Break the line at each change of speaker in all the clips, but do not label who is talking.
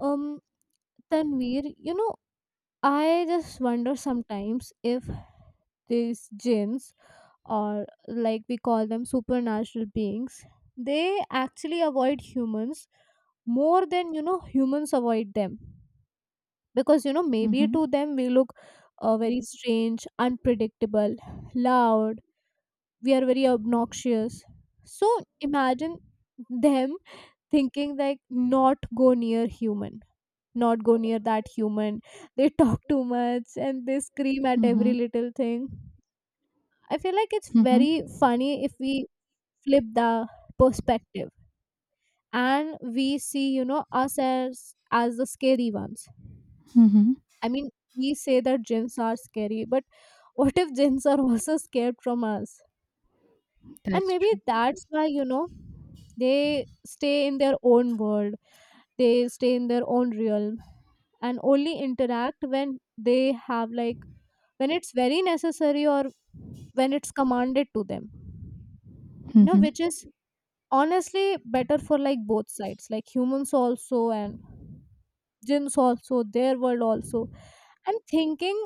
Um, Tanvir, you know, I just wonder sometimes if these jinns, or like we call them supernatural beings, they actually avoid humans more than you know humans avoid them, because you know maybe
Mhm,
to them we look very strange, unpredictable, loud. We are very obnoxious, so imagine them thinking like, not go near human, not go near that human, they talk too much and they scream at every
mhm,
little thing. I feel like it's
mhm,
very funny if we flip the perspective and we see you know us as the scary ones.
mhm.
I mean, we say that gins are scary, but what if gins are also scared from us? And
That's
maybe
true.
that's why you know they stay in their own world, they stay in their own realm, and only interact when they have like, when it's very necessary, or when it's commanded to them, you know,
Mhm,
which is honestly better for like both sides, like humans also and jinns also, their world also. And thinking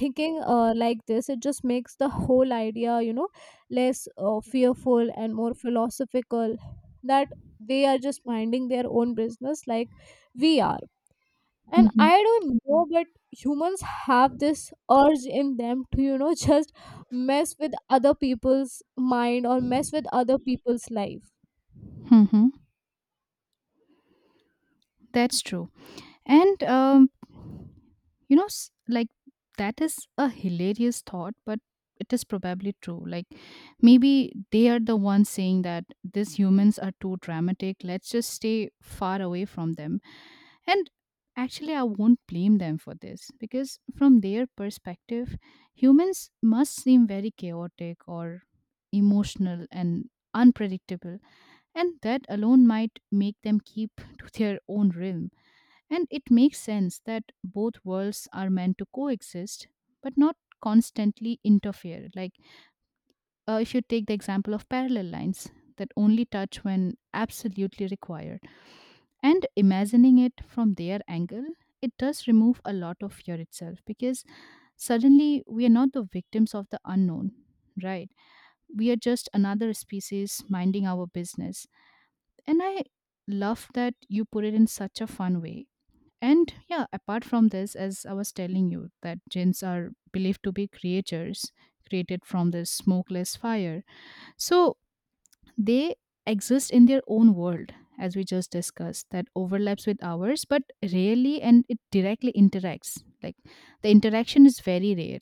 thinking uh, like this, it just makes the whole idea you know less fearful and more philosophical, that they are just minding their own business like we are. And
mhm,
I don't know, but humans have this urge in them to you know just mess with other people's mind or mess with other people's life.
mhm. That's true. And you know, like that is a hilarious thought, but it is probably true. Like maybe they are the ones saying that these humans are too dramatic. Let's just stay far away from them. And actually, I won't blame them for this because, from their perspective, humans must seem very chaotic or emotional and unpredictable. And that alone might make them keep to their own realm. And it makes sense that both worlds are meant to coexist, but not constantly interfere. Like if you take the example of parallel lines that only touch when absolutely required, and imagining it from their angle, it does remove a lot of fear itself, because suddenly we are not the victims of the unknown, right? We are just another species minding our business. And I love that you put it in such a fun way. And yeah, apart from this, as I was telling you, that gins are believed to be creatures created from this smokeless fire. So they exist in their own world, as we just discussed, that overlaps with ours, but rarely, and it directly interacts. Like, the interaction is very rare.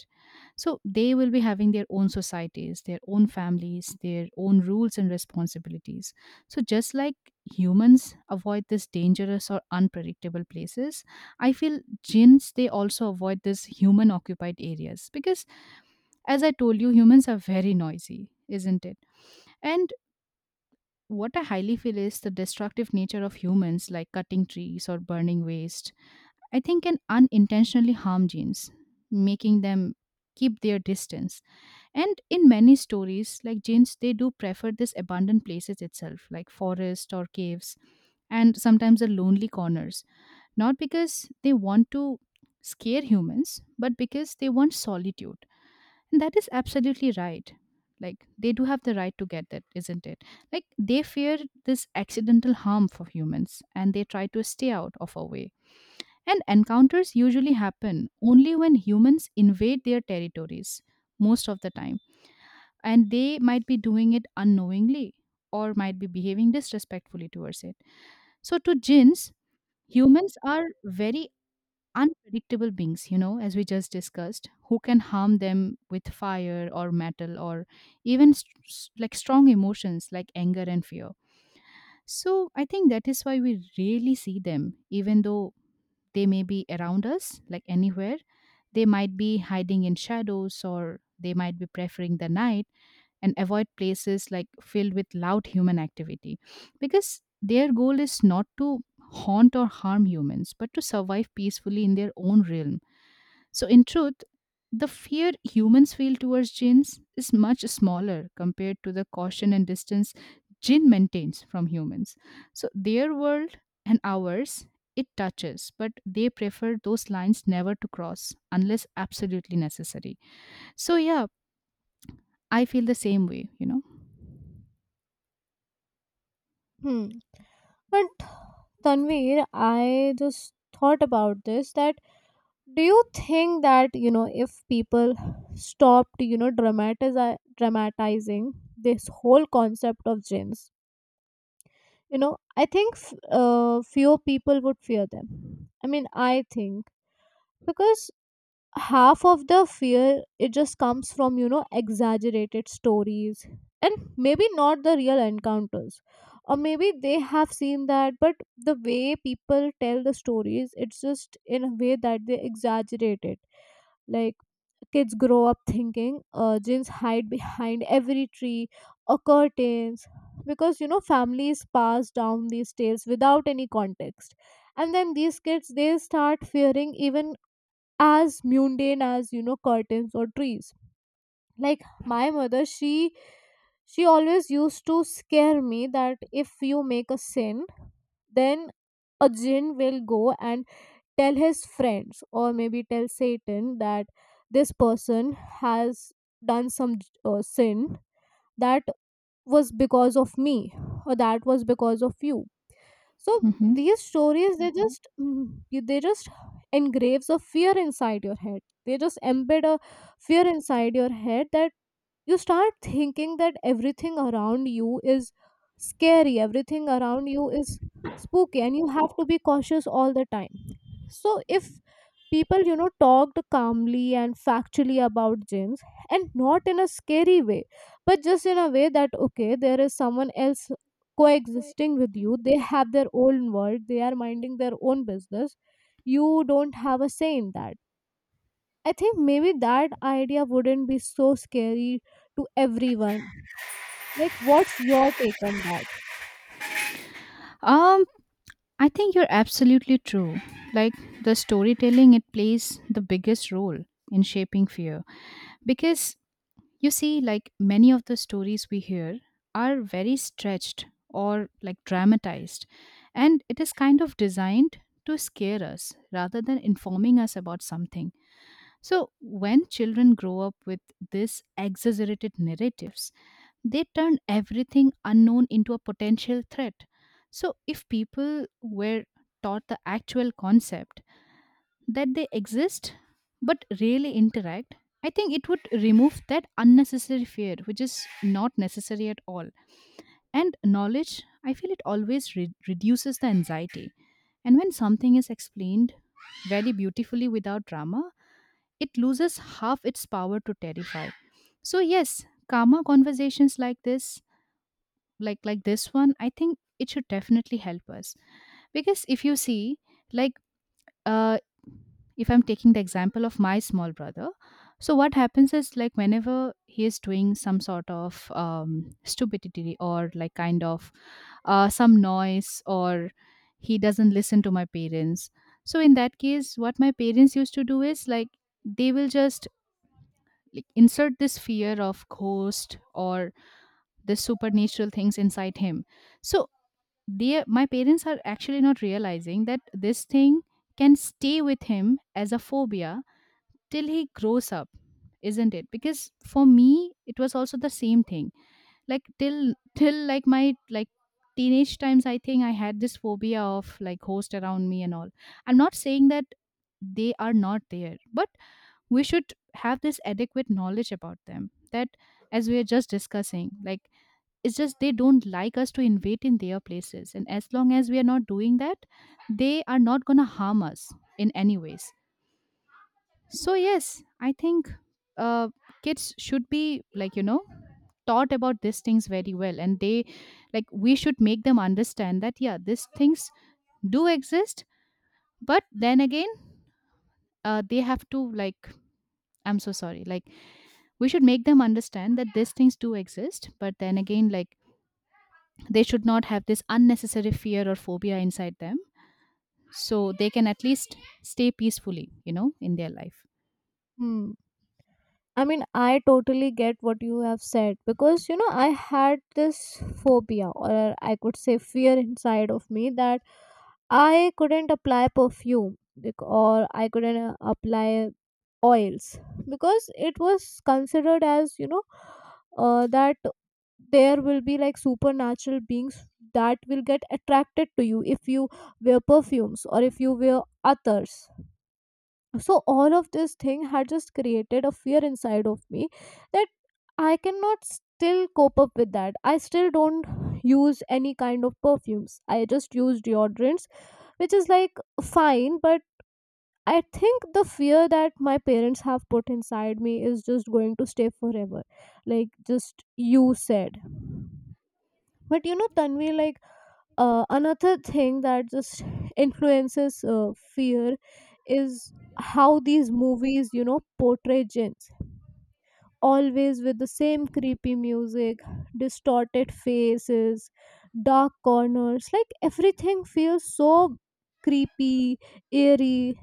So they will be having their own societies, their own families, their own rules and responsibilities. So just like humans avoid these dangerous or unpredictable places, I feel jinns they also avoid these human occupied areas, because as I told you, humans are very noisy, isn't it? And what I highly feel is the destructive nature of humans, like cutting trees or burning waste, I think can unintentionally harm genes, making them keep their distance. And in many stories, like genes, they do prefer these abandoned places itself, like forest or caves, and sometimes the lonely corners, not because they want to scare humans, but because they want solitude. And that is absolutely right. Like they do have the right to get that, isn't it? Like they fear this accidental harm for humans and they try to stay out of our way. And encounters usually happen only when humans invade their territories most of the time. And they might be doing it unknowingly, or might be behaving disrespectfully towards it. So to jinns, humans are very unpredictable beings, you know, as we just discussed, who can harm them with fire or metal, or even like strong emotions like anger and fear. So I think that is why we rarely see them, even though they may be around us, like anywhere. They might be hiding in shadows, or they might be preferring the night and avoid places like filled with loud human activity, because their goal is not to haunt or harm humans, but to survive peacefully in their own realm. So, in truth, the fear humans feel towards jinns is much smaller compared to the caution and distance jinn maintains from humans. So, their world and ours, it touches, but they prefer those lines never to cross unless absolutely necessary. So, yeah, I feel the same way, you know.
Hmm. But Tanvir, I just thought about this, that do you think that you know if people stopped you know dramatizing this whole concept of jinns, you know I think fewer people would fear them. I mean, I think because half of the fear, it just comes from you know exaggerated stories and maybe not the real encounters, or maybe they have seen that, but the way people tell the stories, it's just in a way that they exaggerate it. Like, kids grow up thinking jinns hide behind every tree or curtains, because you know families pass down these tales without any context, and then these kids they start fearing even as mundane as you know curtains or trees. Like my mother, she always used to scare me that if you make a sin, then a jinn will go and tell his friends or maybe tell Satan that this person has done some sin, that was because of me or that was because of you. So
Hmm.
these stories, they just they just engraves a fear inside your head, they just embed a fear inside your head, that you start thinking that everything around you is scary, everything around you is spooky, and you have to be cautious all the time. So, if people, you know, talked calmly and factually about gyms and not in a scary way, but just in a way that, okay, there is someone else coexisting with you, they have their own world, they are minding their own business, you don't have a say in that. I think maybe that idea wouldn't be so scary to everyone. Like, what's your take on that?
Um, I think you're absolutely true. Like the storytelling, it plays the biggest role in shaping fear, because you see, like many of the stories we hear are very stretched or like dramatized, and it is kind of designed to scare us rather than informing us about something. So, when children grow up with these exaggerated narratives, they turn everything unknown into a potential threat. So, if people were taught the actual concept, that they exist but rarely interact, I think it would remove that unnecessary fear, which is not necessary at all. And knowledge, I feel it always reduces the anxiety. And when something is explained very beautifully without drama, it loses half its power to terrify. So yes, karma conversations like this one, I think it should definitely help us, because if you see, like uh, if I'm taking the example of my small brother, so what happens is like whenever he is doing some sort of stupidity, or like kind of some noise, or he doesn't listen to my parents. So in that case, what my parents used to do is like they will just like, insert this fear of ghost or the supernatural things inside him. So they, my parents are actually not realizing that this thing can stay with him as a phobia till he grows up, isn't it? Because for me it was also the same thing, like till like my like teenage times I think I had this phobia of like host around me and all. I'm not saying that they are not there, but we should have this adequate knowledge about them that, as we are just discussing, like it's just they don't like us to invade in their places. And as long as we are not doing that, they are not going to harm us in any ways. So, yes, I think uh, kids should be like, you know, taught about these things very well. And they, like, we should make them understand that, yeah, these things do exist. But then again, they have to, like, I'm so sorry, like, we should make them understand that these things do exist. But then again, like, they should not have this unnecessary fear or phobia inside them so they can at least stay peacefully, you know, in their life.
Hmm. I mean, I totally get what you have said, because, you know, I had this phobia or I could say fear inside of me that I couldn't apply perfume or I couldn't apply oils, because it was considered as you know that there will be like supernatural beings that will get attracted to you if you wear perfumes or if you wear others. So all of this thing had just created a fear inside of me that I cannot still cope up with. That I still don't use any kind of perfumes, I just use deodorants, which is like fine, but I think the fear that my parents have put inside me is just going to stay forever. Like just you said. But you know, Tanvi, like another thing that just influences fear is how these movies, you know, portray gins. Always with the same creepy music, distorted faces, dark corners. Like everything feels so creepy, eerie,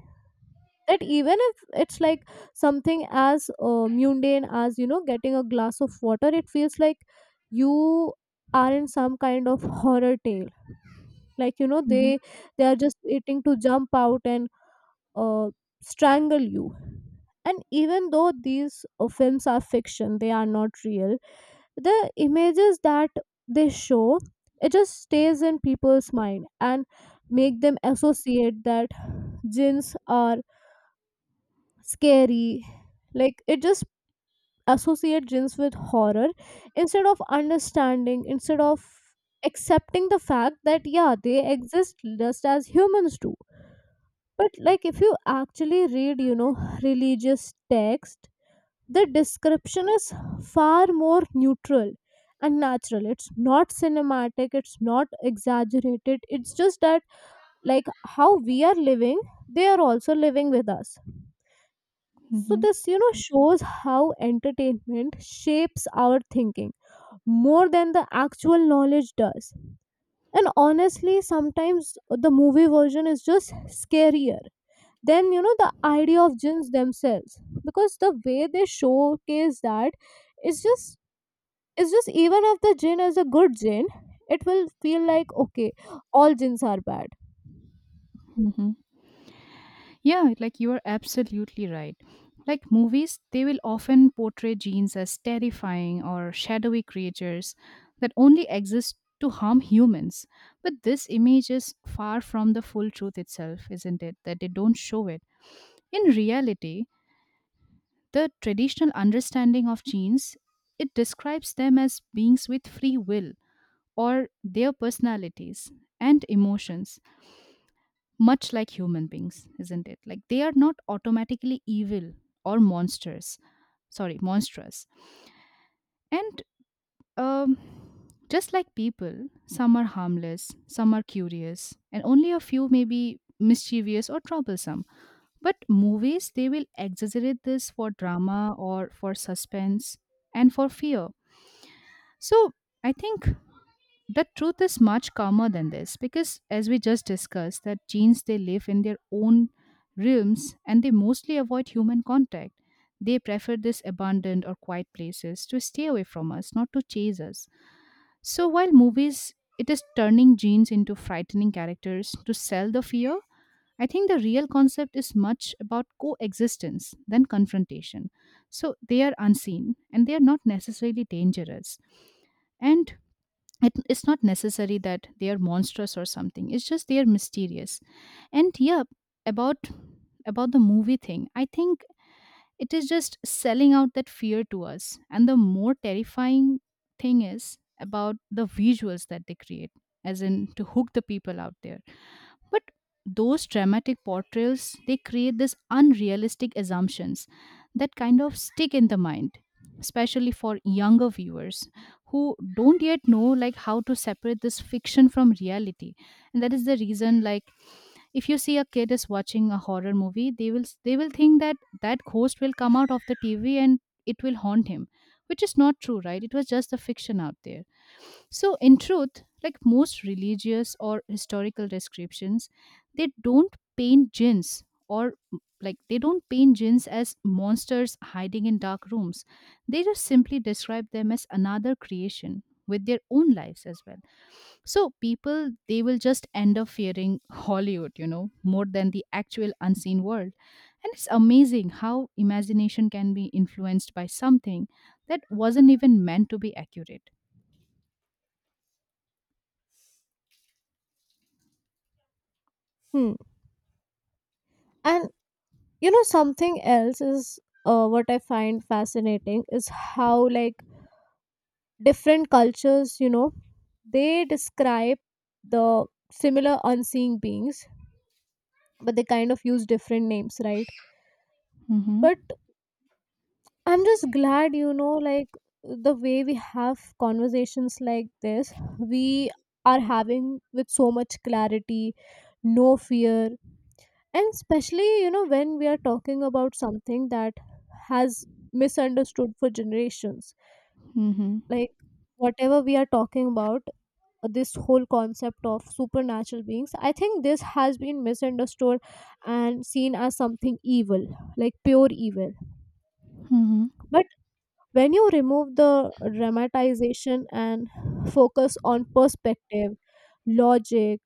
that even if it's like something as mundane as you know getting a glass of water, it feels like you are in some kind of horror tale, like you know they are just waiting to jump out and uh, strangle you. And even though these films are fiction, they are not real, the images that they show, it just stays in people's mind and make them associate that jinns are scary. Like it just associate jinns with horror, instead of understanding, instead of accepting the fact that yeah, they exist just as humans do. But like if you actually read you know religious text, the description is far more neutral and natural. It's not cinematic, it's not exaggerated, it's just that like how we are living, they are also living with us. So
Hmm.
this, you know, shows how entertainment shapes our thinking more than the actual knowledge does. And honestly, sometimes the movie version is just scarier than, you know, the idea of jinns themselves. Because the way they showcase that is just, it's just even if the jinn is a good jinn, it will feel like okay, all jinns are bad.
Hmm. Yeah, like you are absolutely right. Like movies, they will often portray genes as terrifying or shadowy creatures that only exist to harm humans. But this image is far from the full truth itself, isn't it? That they don't show it. In reality, the traditional understanding of genes, it describes them as beings with free will or their personalities and emotions, much like human beings, isn't it? Like they are not automatically evil or monsters. Sorry, monstrous. And um, just like people, some are harmless, some are curious, and only a few may be mischievous or troublesome. But movies, they will exaggerate this for drama or for suspense and for fear. So I think the truth is much calmer than this, because as we just discussed that genes they live in their own realms and they mostly avoid human contact. They prefer this abandoned or quiet places to stay away from us, not to chase us. So while movies it is turning genes into frightening characters to sell the fear, I think the real concept is much about coexistence than confrontation. So they are unseen and they are not necessarily dangerous. And it's not necessary that they are monstrous or something, it's just they are mysterious. And yeah, about about the movie thing, I think it is just selling out that fear to us, and the more terrifying thing is about the visuals that they create, as in to hook the people out there. But those dramatic portrayals, they create this unrealistic assumptions that kind of stick in the mind, especially for younger viewers who don't yet know like how to separate this fiction from reality. And that is the reason, like if you see a kid is watching a horror movie, they will think that that ghost will come out of the TV and it will haunt him, which is not true, right? It was just a fiction out there. So, in truth, like most religious or historical descriptions, they don't paint jinns or like they don't paint jinns as monsters hiding in dark rooms. They just simply describe them as another creation with their own lives as well. So, people they will just end up fearing Hollywood, you know, more than the actual unseen world. And it's amazing how imagination can be influenced by something that wasn't even meant to be accurate.
Hmm. And you know something else is what I find fascinating is how like different cultures, you know, they describe the similar unseen beings, but they kind of use different names, right?
Mm-hmm.
But I'm just glad, you know, like the way we have conversations like this, we are having with so much clarity, no fear, and especially you know when we are talking about something that has misunderstood for generations.
Mm-hmm.
Like, whatever we are talking about, this whole concept of supernatural beings, I think this has been misunderstood and seen as something evil, like pure evil.
Mhm.
But when you remove the dramatization and focus on perspective, logic,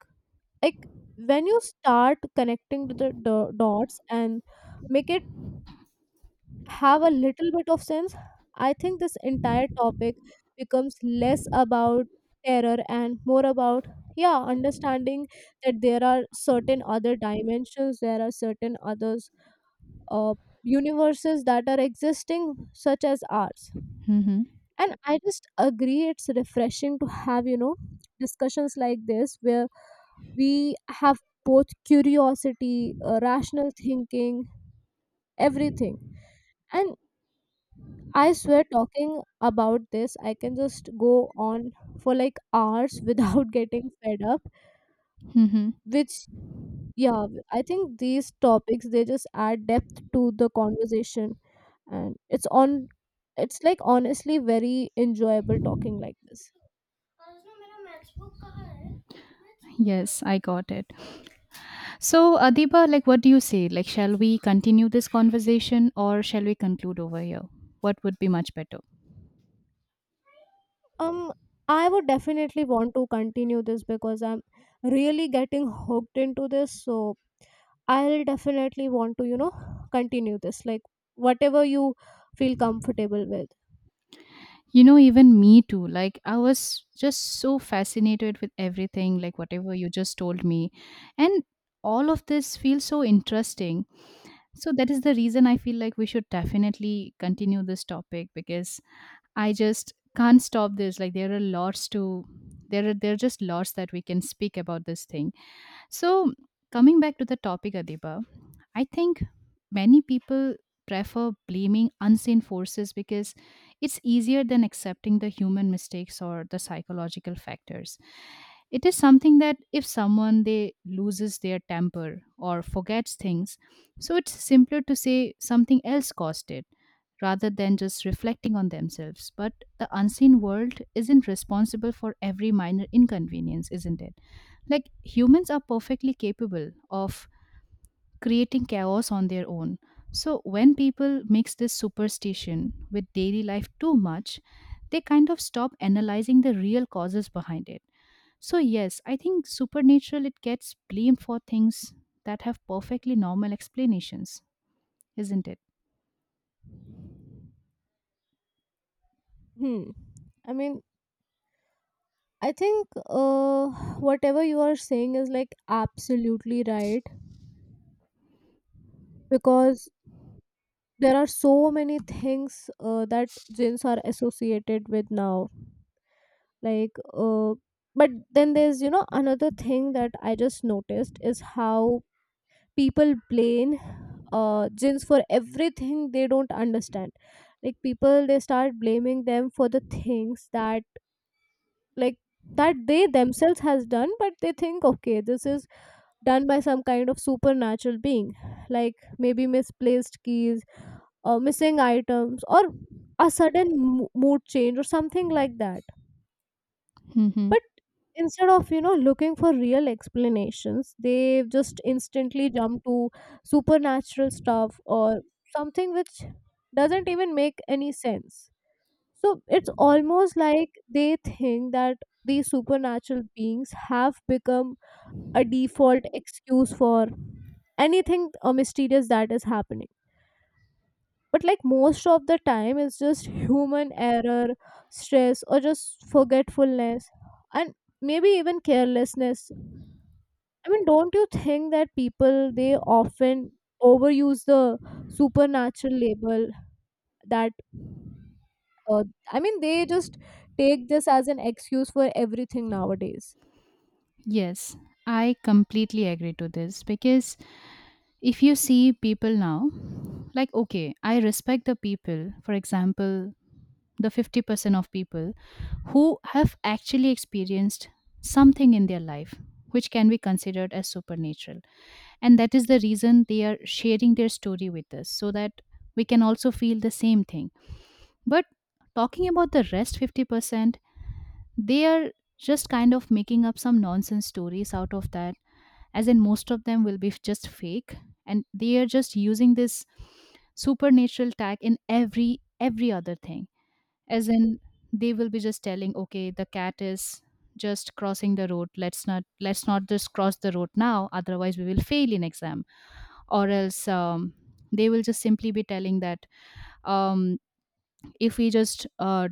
like when you start connecting the dots and make it have a little bit of sense, I think this entire topic becomes less about terror and more about, yeah, understanding that there are certain other dimensions, there are certain others, uh, universes that are existing, such as ours.
Mhm.
And I just agree, it's refreshing to have, you know, discussions like this where we have both curiosity, rational thinking, everything. And I swear talking about this, I can just go on for like hours without getting fed up.
Mhm.
Which, yeah, I think these topics they just add depth to the conversation, and it's on. It's like honestly very enjoyable talking like this.
Yes, I got it. So, Adiba, like, what do you say? Like, shall we continue this conversation or shall we conclude over here? What would be much better?
Um, I would definitely want to continue this because I'm really getting hooked into this. So I'll definitely want to, you know, continue this. Like whatever you feel comfortable with.
You know, even me too. Like, I was just so fascinated with everything, like, whatever you just told me. And all of this feels so interesting. So, that is the reason I feel like we should definitely continue this topic, because I just can't stop this. Like there are lots to, there are just lots that we can speak about this thing. So coming back to the topic, Adiba, I think many people prefer blaming unseen forces, because it's easier than accepting the human mistakes or the psychological factors. It is something that if someone they loses their temper or forgets things, so it's simpler to say something else caused it rather than just reflecting on themselves. But the unseen world isn't responsible for every minor inconvenience, isn't it? Like humans are perfectly capable of creating chaos on their own. So, when people mix this superstition with daily life too much, they kind of stop analyzing the real causes behind it. So, yes, I think supernatural it gets blamed for things that have perfectly normal explanations, isn't
Hmm. I mean, I think whatever you are saying is like absolutely right, because there are so many things that gins are associated with now. Like, but then there's, you know, another thing that I just noticed is how people blame gyms for everything they don't understand. Like people, they start blaming them for the things that like that they themselves has done, but they think okay, this is done by some kind of supernatural being, like maybe misplaced keys or missing items or a sudden mood change or something like that.
it?
But instead of, you know, looking for real explanations, they just instantly jump to supernatural stuff or something which doesn't even make any sense. So it's almost like they think that these supernatural beings have become a default excuse for anything mysterious that is happening. But like most of the time it's just human error, stress, or just forgetfulness, and maybe even carelessness. I mean, don't you think that people, they often overuse the supernatural label, that uh, I mean, they just take this as an excuse for everything nowadays?
Yes, I completely agree to this because if you see people now, like, okay, I respect the people, for example, the 50% of people who have actually experienced something in their life which can be considered as supernatural. And that is the reason they are sharing their story with us so that we can also feel the same thing, but talking about the rest 50%, they are just kind of making up some nonsense stories out of that, as in most of them will be just fake. And they are just using this supernatural tag in every other thing. As in they will be just telling, okay, the cat is just crossing the road. Let's not just cross the road now, otherwise we will fail in exam. Or else they will just simply be telling that, um, if we just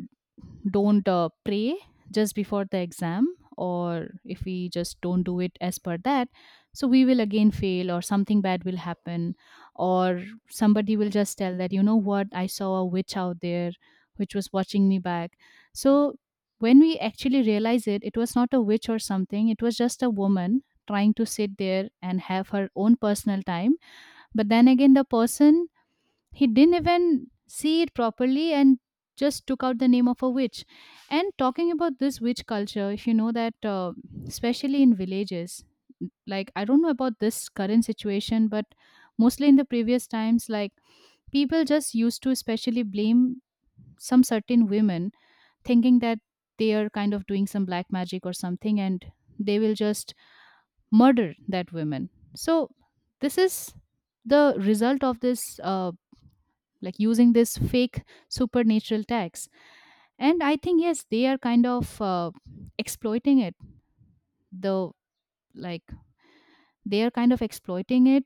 don't pray just before the exam, or if we just don't do it as per that, so we will again fail or something bad will happen. Or somebody will just tell that, you know what, I saw a witch out there which was watching me back. So when we actually realize it, it was not a witch or something, it was just a woman trying to sit there and have her own personal time. But then again the person, he didn't even see it properly and just took out the name of a witch. And talking about this witch culture, if you know that, especially in villages, like I don't know about this current situation, but mostly in the previous times, like people just used to especially blame some certain women, thinking that they are kind of doing some black magic or something, and they will just murder that woman. So this is the result of this, like using this fake supernatural tax. And I think, yes, they are kind of, exploiting it, the like they are kind of exploiting it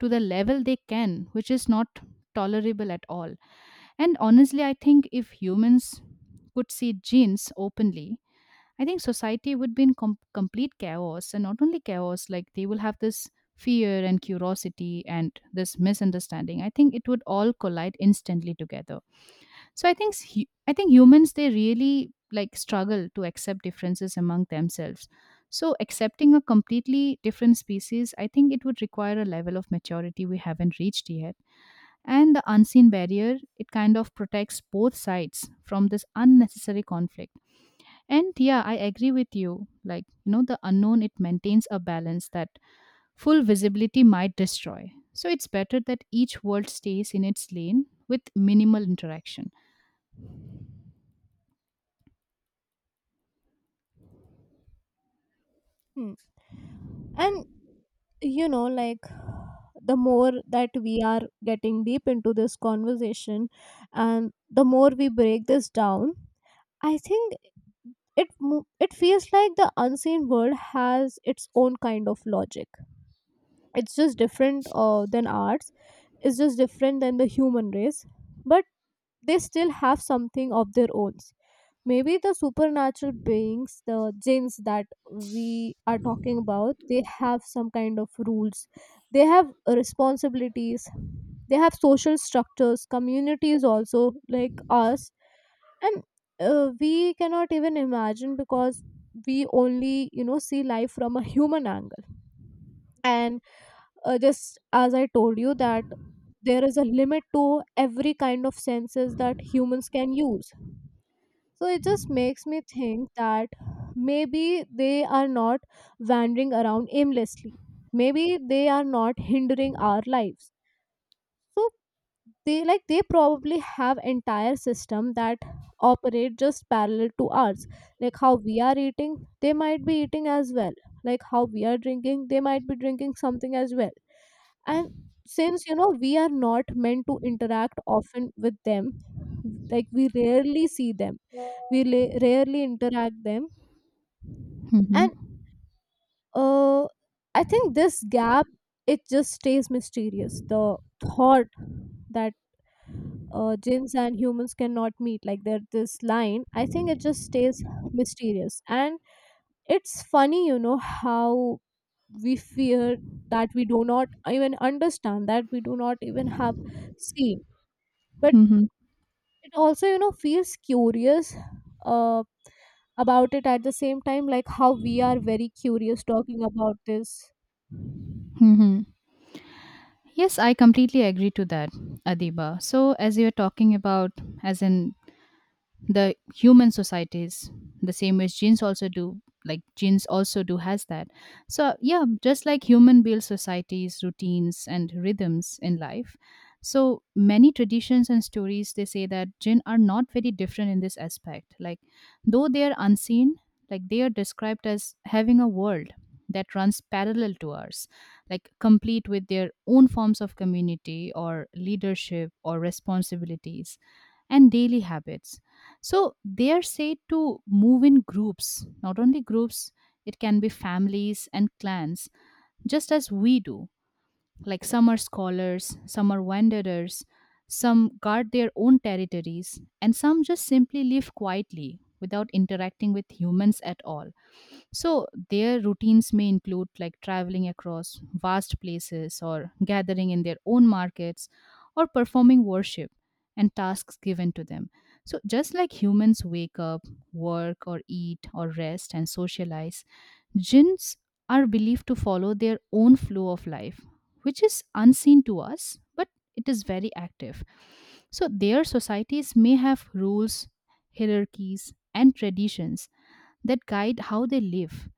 to the level they can, which is not tolerable at all. And honestly I think if humans could see genes openly, I think society would be in complete chaos, and not only chaos, like they will have this fear and curiosity and this misunderstanding, I think it would all collide instantly together. So I think humans they really like struggle to accept differences among themselves. So accepting a completely different species, I think it would require a level of maturity we haven't reached yet. And the unseen barrier, it kind of protects both sides from this unnecessary conflict. And yeah, I agree with you. Like, you know, the unknown, it maintains a balance that full visibility might destroy. So it's better that each world stays in its lane with minimal interaction.
Hmm. And you know like the more that we are getting deep into this conversation and the more we break this down, I think it it feels like the unseen world has its own kind of logic. It's just different than ours. It's just different than the human race, but they still have something of their own. Maybe the supernatural beings, the jinns that we are talking about, they have some kind of rules. They have responsibilities. They have social structures, communities also like us. And we cannot even imagine because we only you know see life from a human angle. And just as I told you that there is a limit to every kind of senses that humans can use, so it just makes me think that maybe they are not wandering around aimlessly, maybe they are not hindering our lives. So they like they probably have entire system that operate just parallel to ours. Like how we are eating, they might be eating as well. Like how we are drinking, they might be drinking something as well. And since you know we are not meant to interact often with them, like we rarely see them, we rarely interact them.
hmm
And uh, I think this gap, it just stays mysterious. The thought that jinns and humans cannot meet like there, this line, I think it just stays mysterious. And it's funny you know how we fear that we do not even understand, that we do not even have seen. But it also you know feels curious uh, about it at the same time, like how we are very curious talking about this.
hmm Yes, I completely agree to that, Adiba. So, as you're talking about, as in the human societies, the same ways genes also do, like genes also do has that. So yeah, just like human build societies, routines and rhythms in life, so many traditions and stories, they say that jinn are not very different in this aspect. Like though they are unseen, like they are described as having a world that runs parallel to ours, like complete with their own forms of community or leadership or responsibilities and daily habits. So they are said to move in groups, not only groups, it can be families and clans, just as we do. Like some are scholars, some are wanderers, some guard their own territories, and some just simply live quietly without interacting with humans at all. So, their routines may include like traveling across vast places or gathering in their own markets or performing worship and tasks given to them. So, just like humans wake up, work, or eat, or rest and socialize, jinns are believed to follow their own flow of life, which is unseen to us, but it is very active. So, their societies may have rules, hierarchies, and traditions that guide how they live.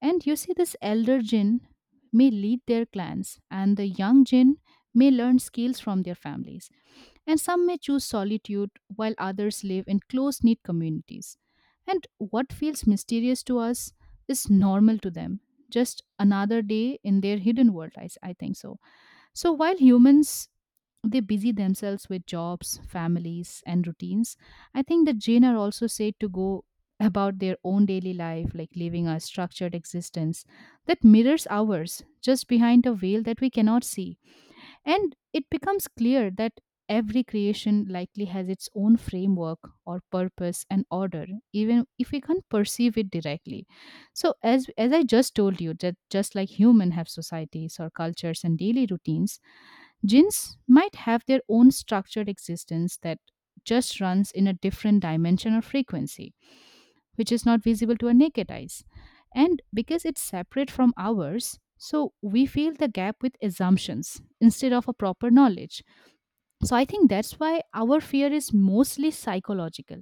And you see, this elder jinn may lead their clans, and the young jinn may learn skills from their families. And some may choose solitude, while others live in close knit communities. And what feels mysterious to us is normal to them. Just another day in their hidden world, I think so. So, while humans, they busy themselves with jobs, families, and routines. I think that Jain are also said to go about their own daily life, like living a structured existence that mirrors ours just behind a veil that we cannot see. And it becomes clear that every creation likely has its own framework or purpose and order, even if we can't perceive it directly. So as I just told you that, just like human have societies or cultures and daily routines, Jinns might have their own structured existence that just runs in a different dimension or frequency, which is not visible to our naked eyes. And because it's separate from ours, so we feel the gap with assumptions instead of a proper knowledge. So I think that's why our fear is mostly psychological,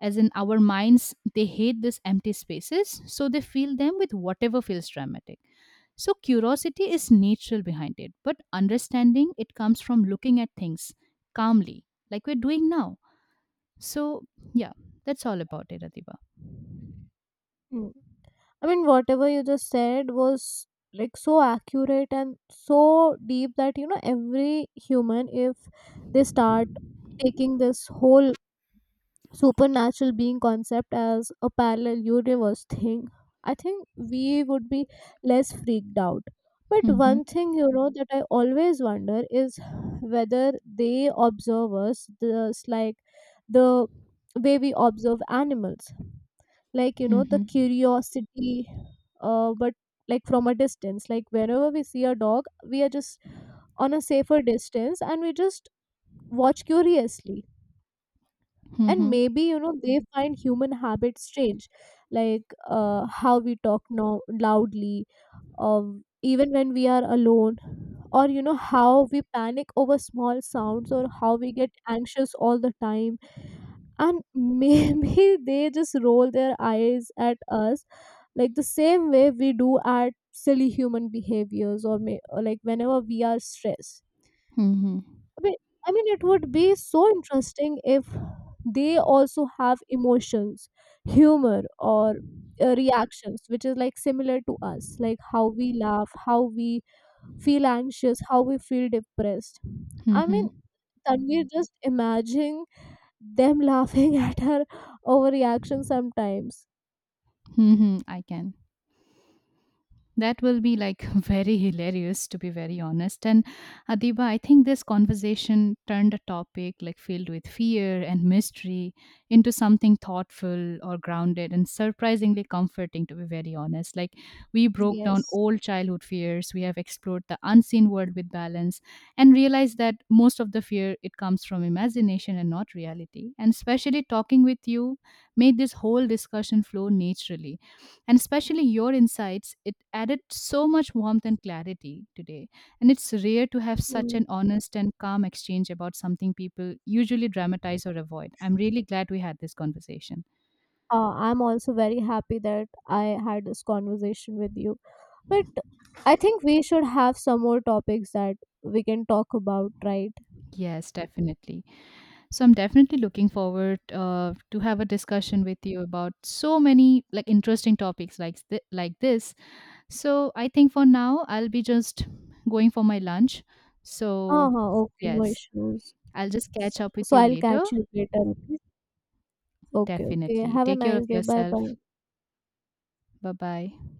as in our minds, they hate these empty spaces, so they fill them with whatever feels dramatic. So curiosity is natural behind it, but understanding it comes from looking at things calmly, like we're doing now. So, yeah, that's all about it, Adiba.
Hmm. I mean, whatever you just said was like so accurate and so deep that you know, every human, if they start taking this whole supernatural being concept as a parallel universe thing, I think we would be less freaked out. But
Mm-hmm.
one thing you know that I always wonder is whether they observe us just like the way we observe animals, like you know the
mm-hmm,
curiosity, but like from a distance. Like whenever we see a dog, we are just on a safer distance and we just watch curiously. And
mm-hmm,
maybe you know they find human habits strange, like how we talk now loudly or even when we are alone, or you know how we panic over small sounds or how we get anxious all the time. And maybe they just roll their eyes at us like the same way we do our silly human behaviors, or like whenever we are stressed.
mm-hmm,
I mean, I mean it would be so interesting if they also have emotions, humor, or reactions which is like similar to us, like how we laugh, how we feel anxious, how we feel depressed. I
mm-hmm,
mean, can we just imagine them laughing at her overreaction sometimes.
mm-hmm. I can That will be like very hilarious, to be very honest. And Adiba, I think this conversation turned a topic like filled with fear and mystery into something thoughtful or grounded and surprisingly comforting, to be very honest. Like, we broke down
Yes.
old childhood fears, we have explored the unseen world with balance, and realized that most of the fear it comes from imagination and not reality. And especially talking with you made this whole discussion flow naturally, and especially your insights, it added so much warmth and clarity today. And it's rare to have such
Mm.
an honest and calm exchange about something people usually dramatize or avoid. I'm really glad we had this conversation.
I'm also very happy that I had this conversation with you. But I think we should have some more topics that we can talk about, right?
Yes, definitely. So I'm definitely looking forward to have a discussion with you about so many like interesting topics like like this. So I think for now I'll be just going for my lunch. So,
Uh-huh, okay, no
yes,
issues.
I'll just catch up with
So
you
I'll
later.
catch you later. Okay, okay, okay.
Definitely.
Have a
Take care of
nice day. Bye
yourself.
bye.
Bye bye.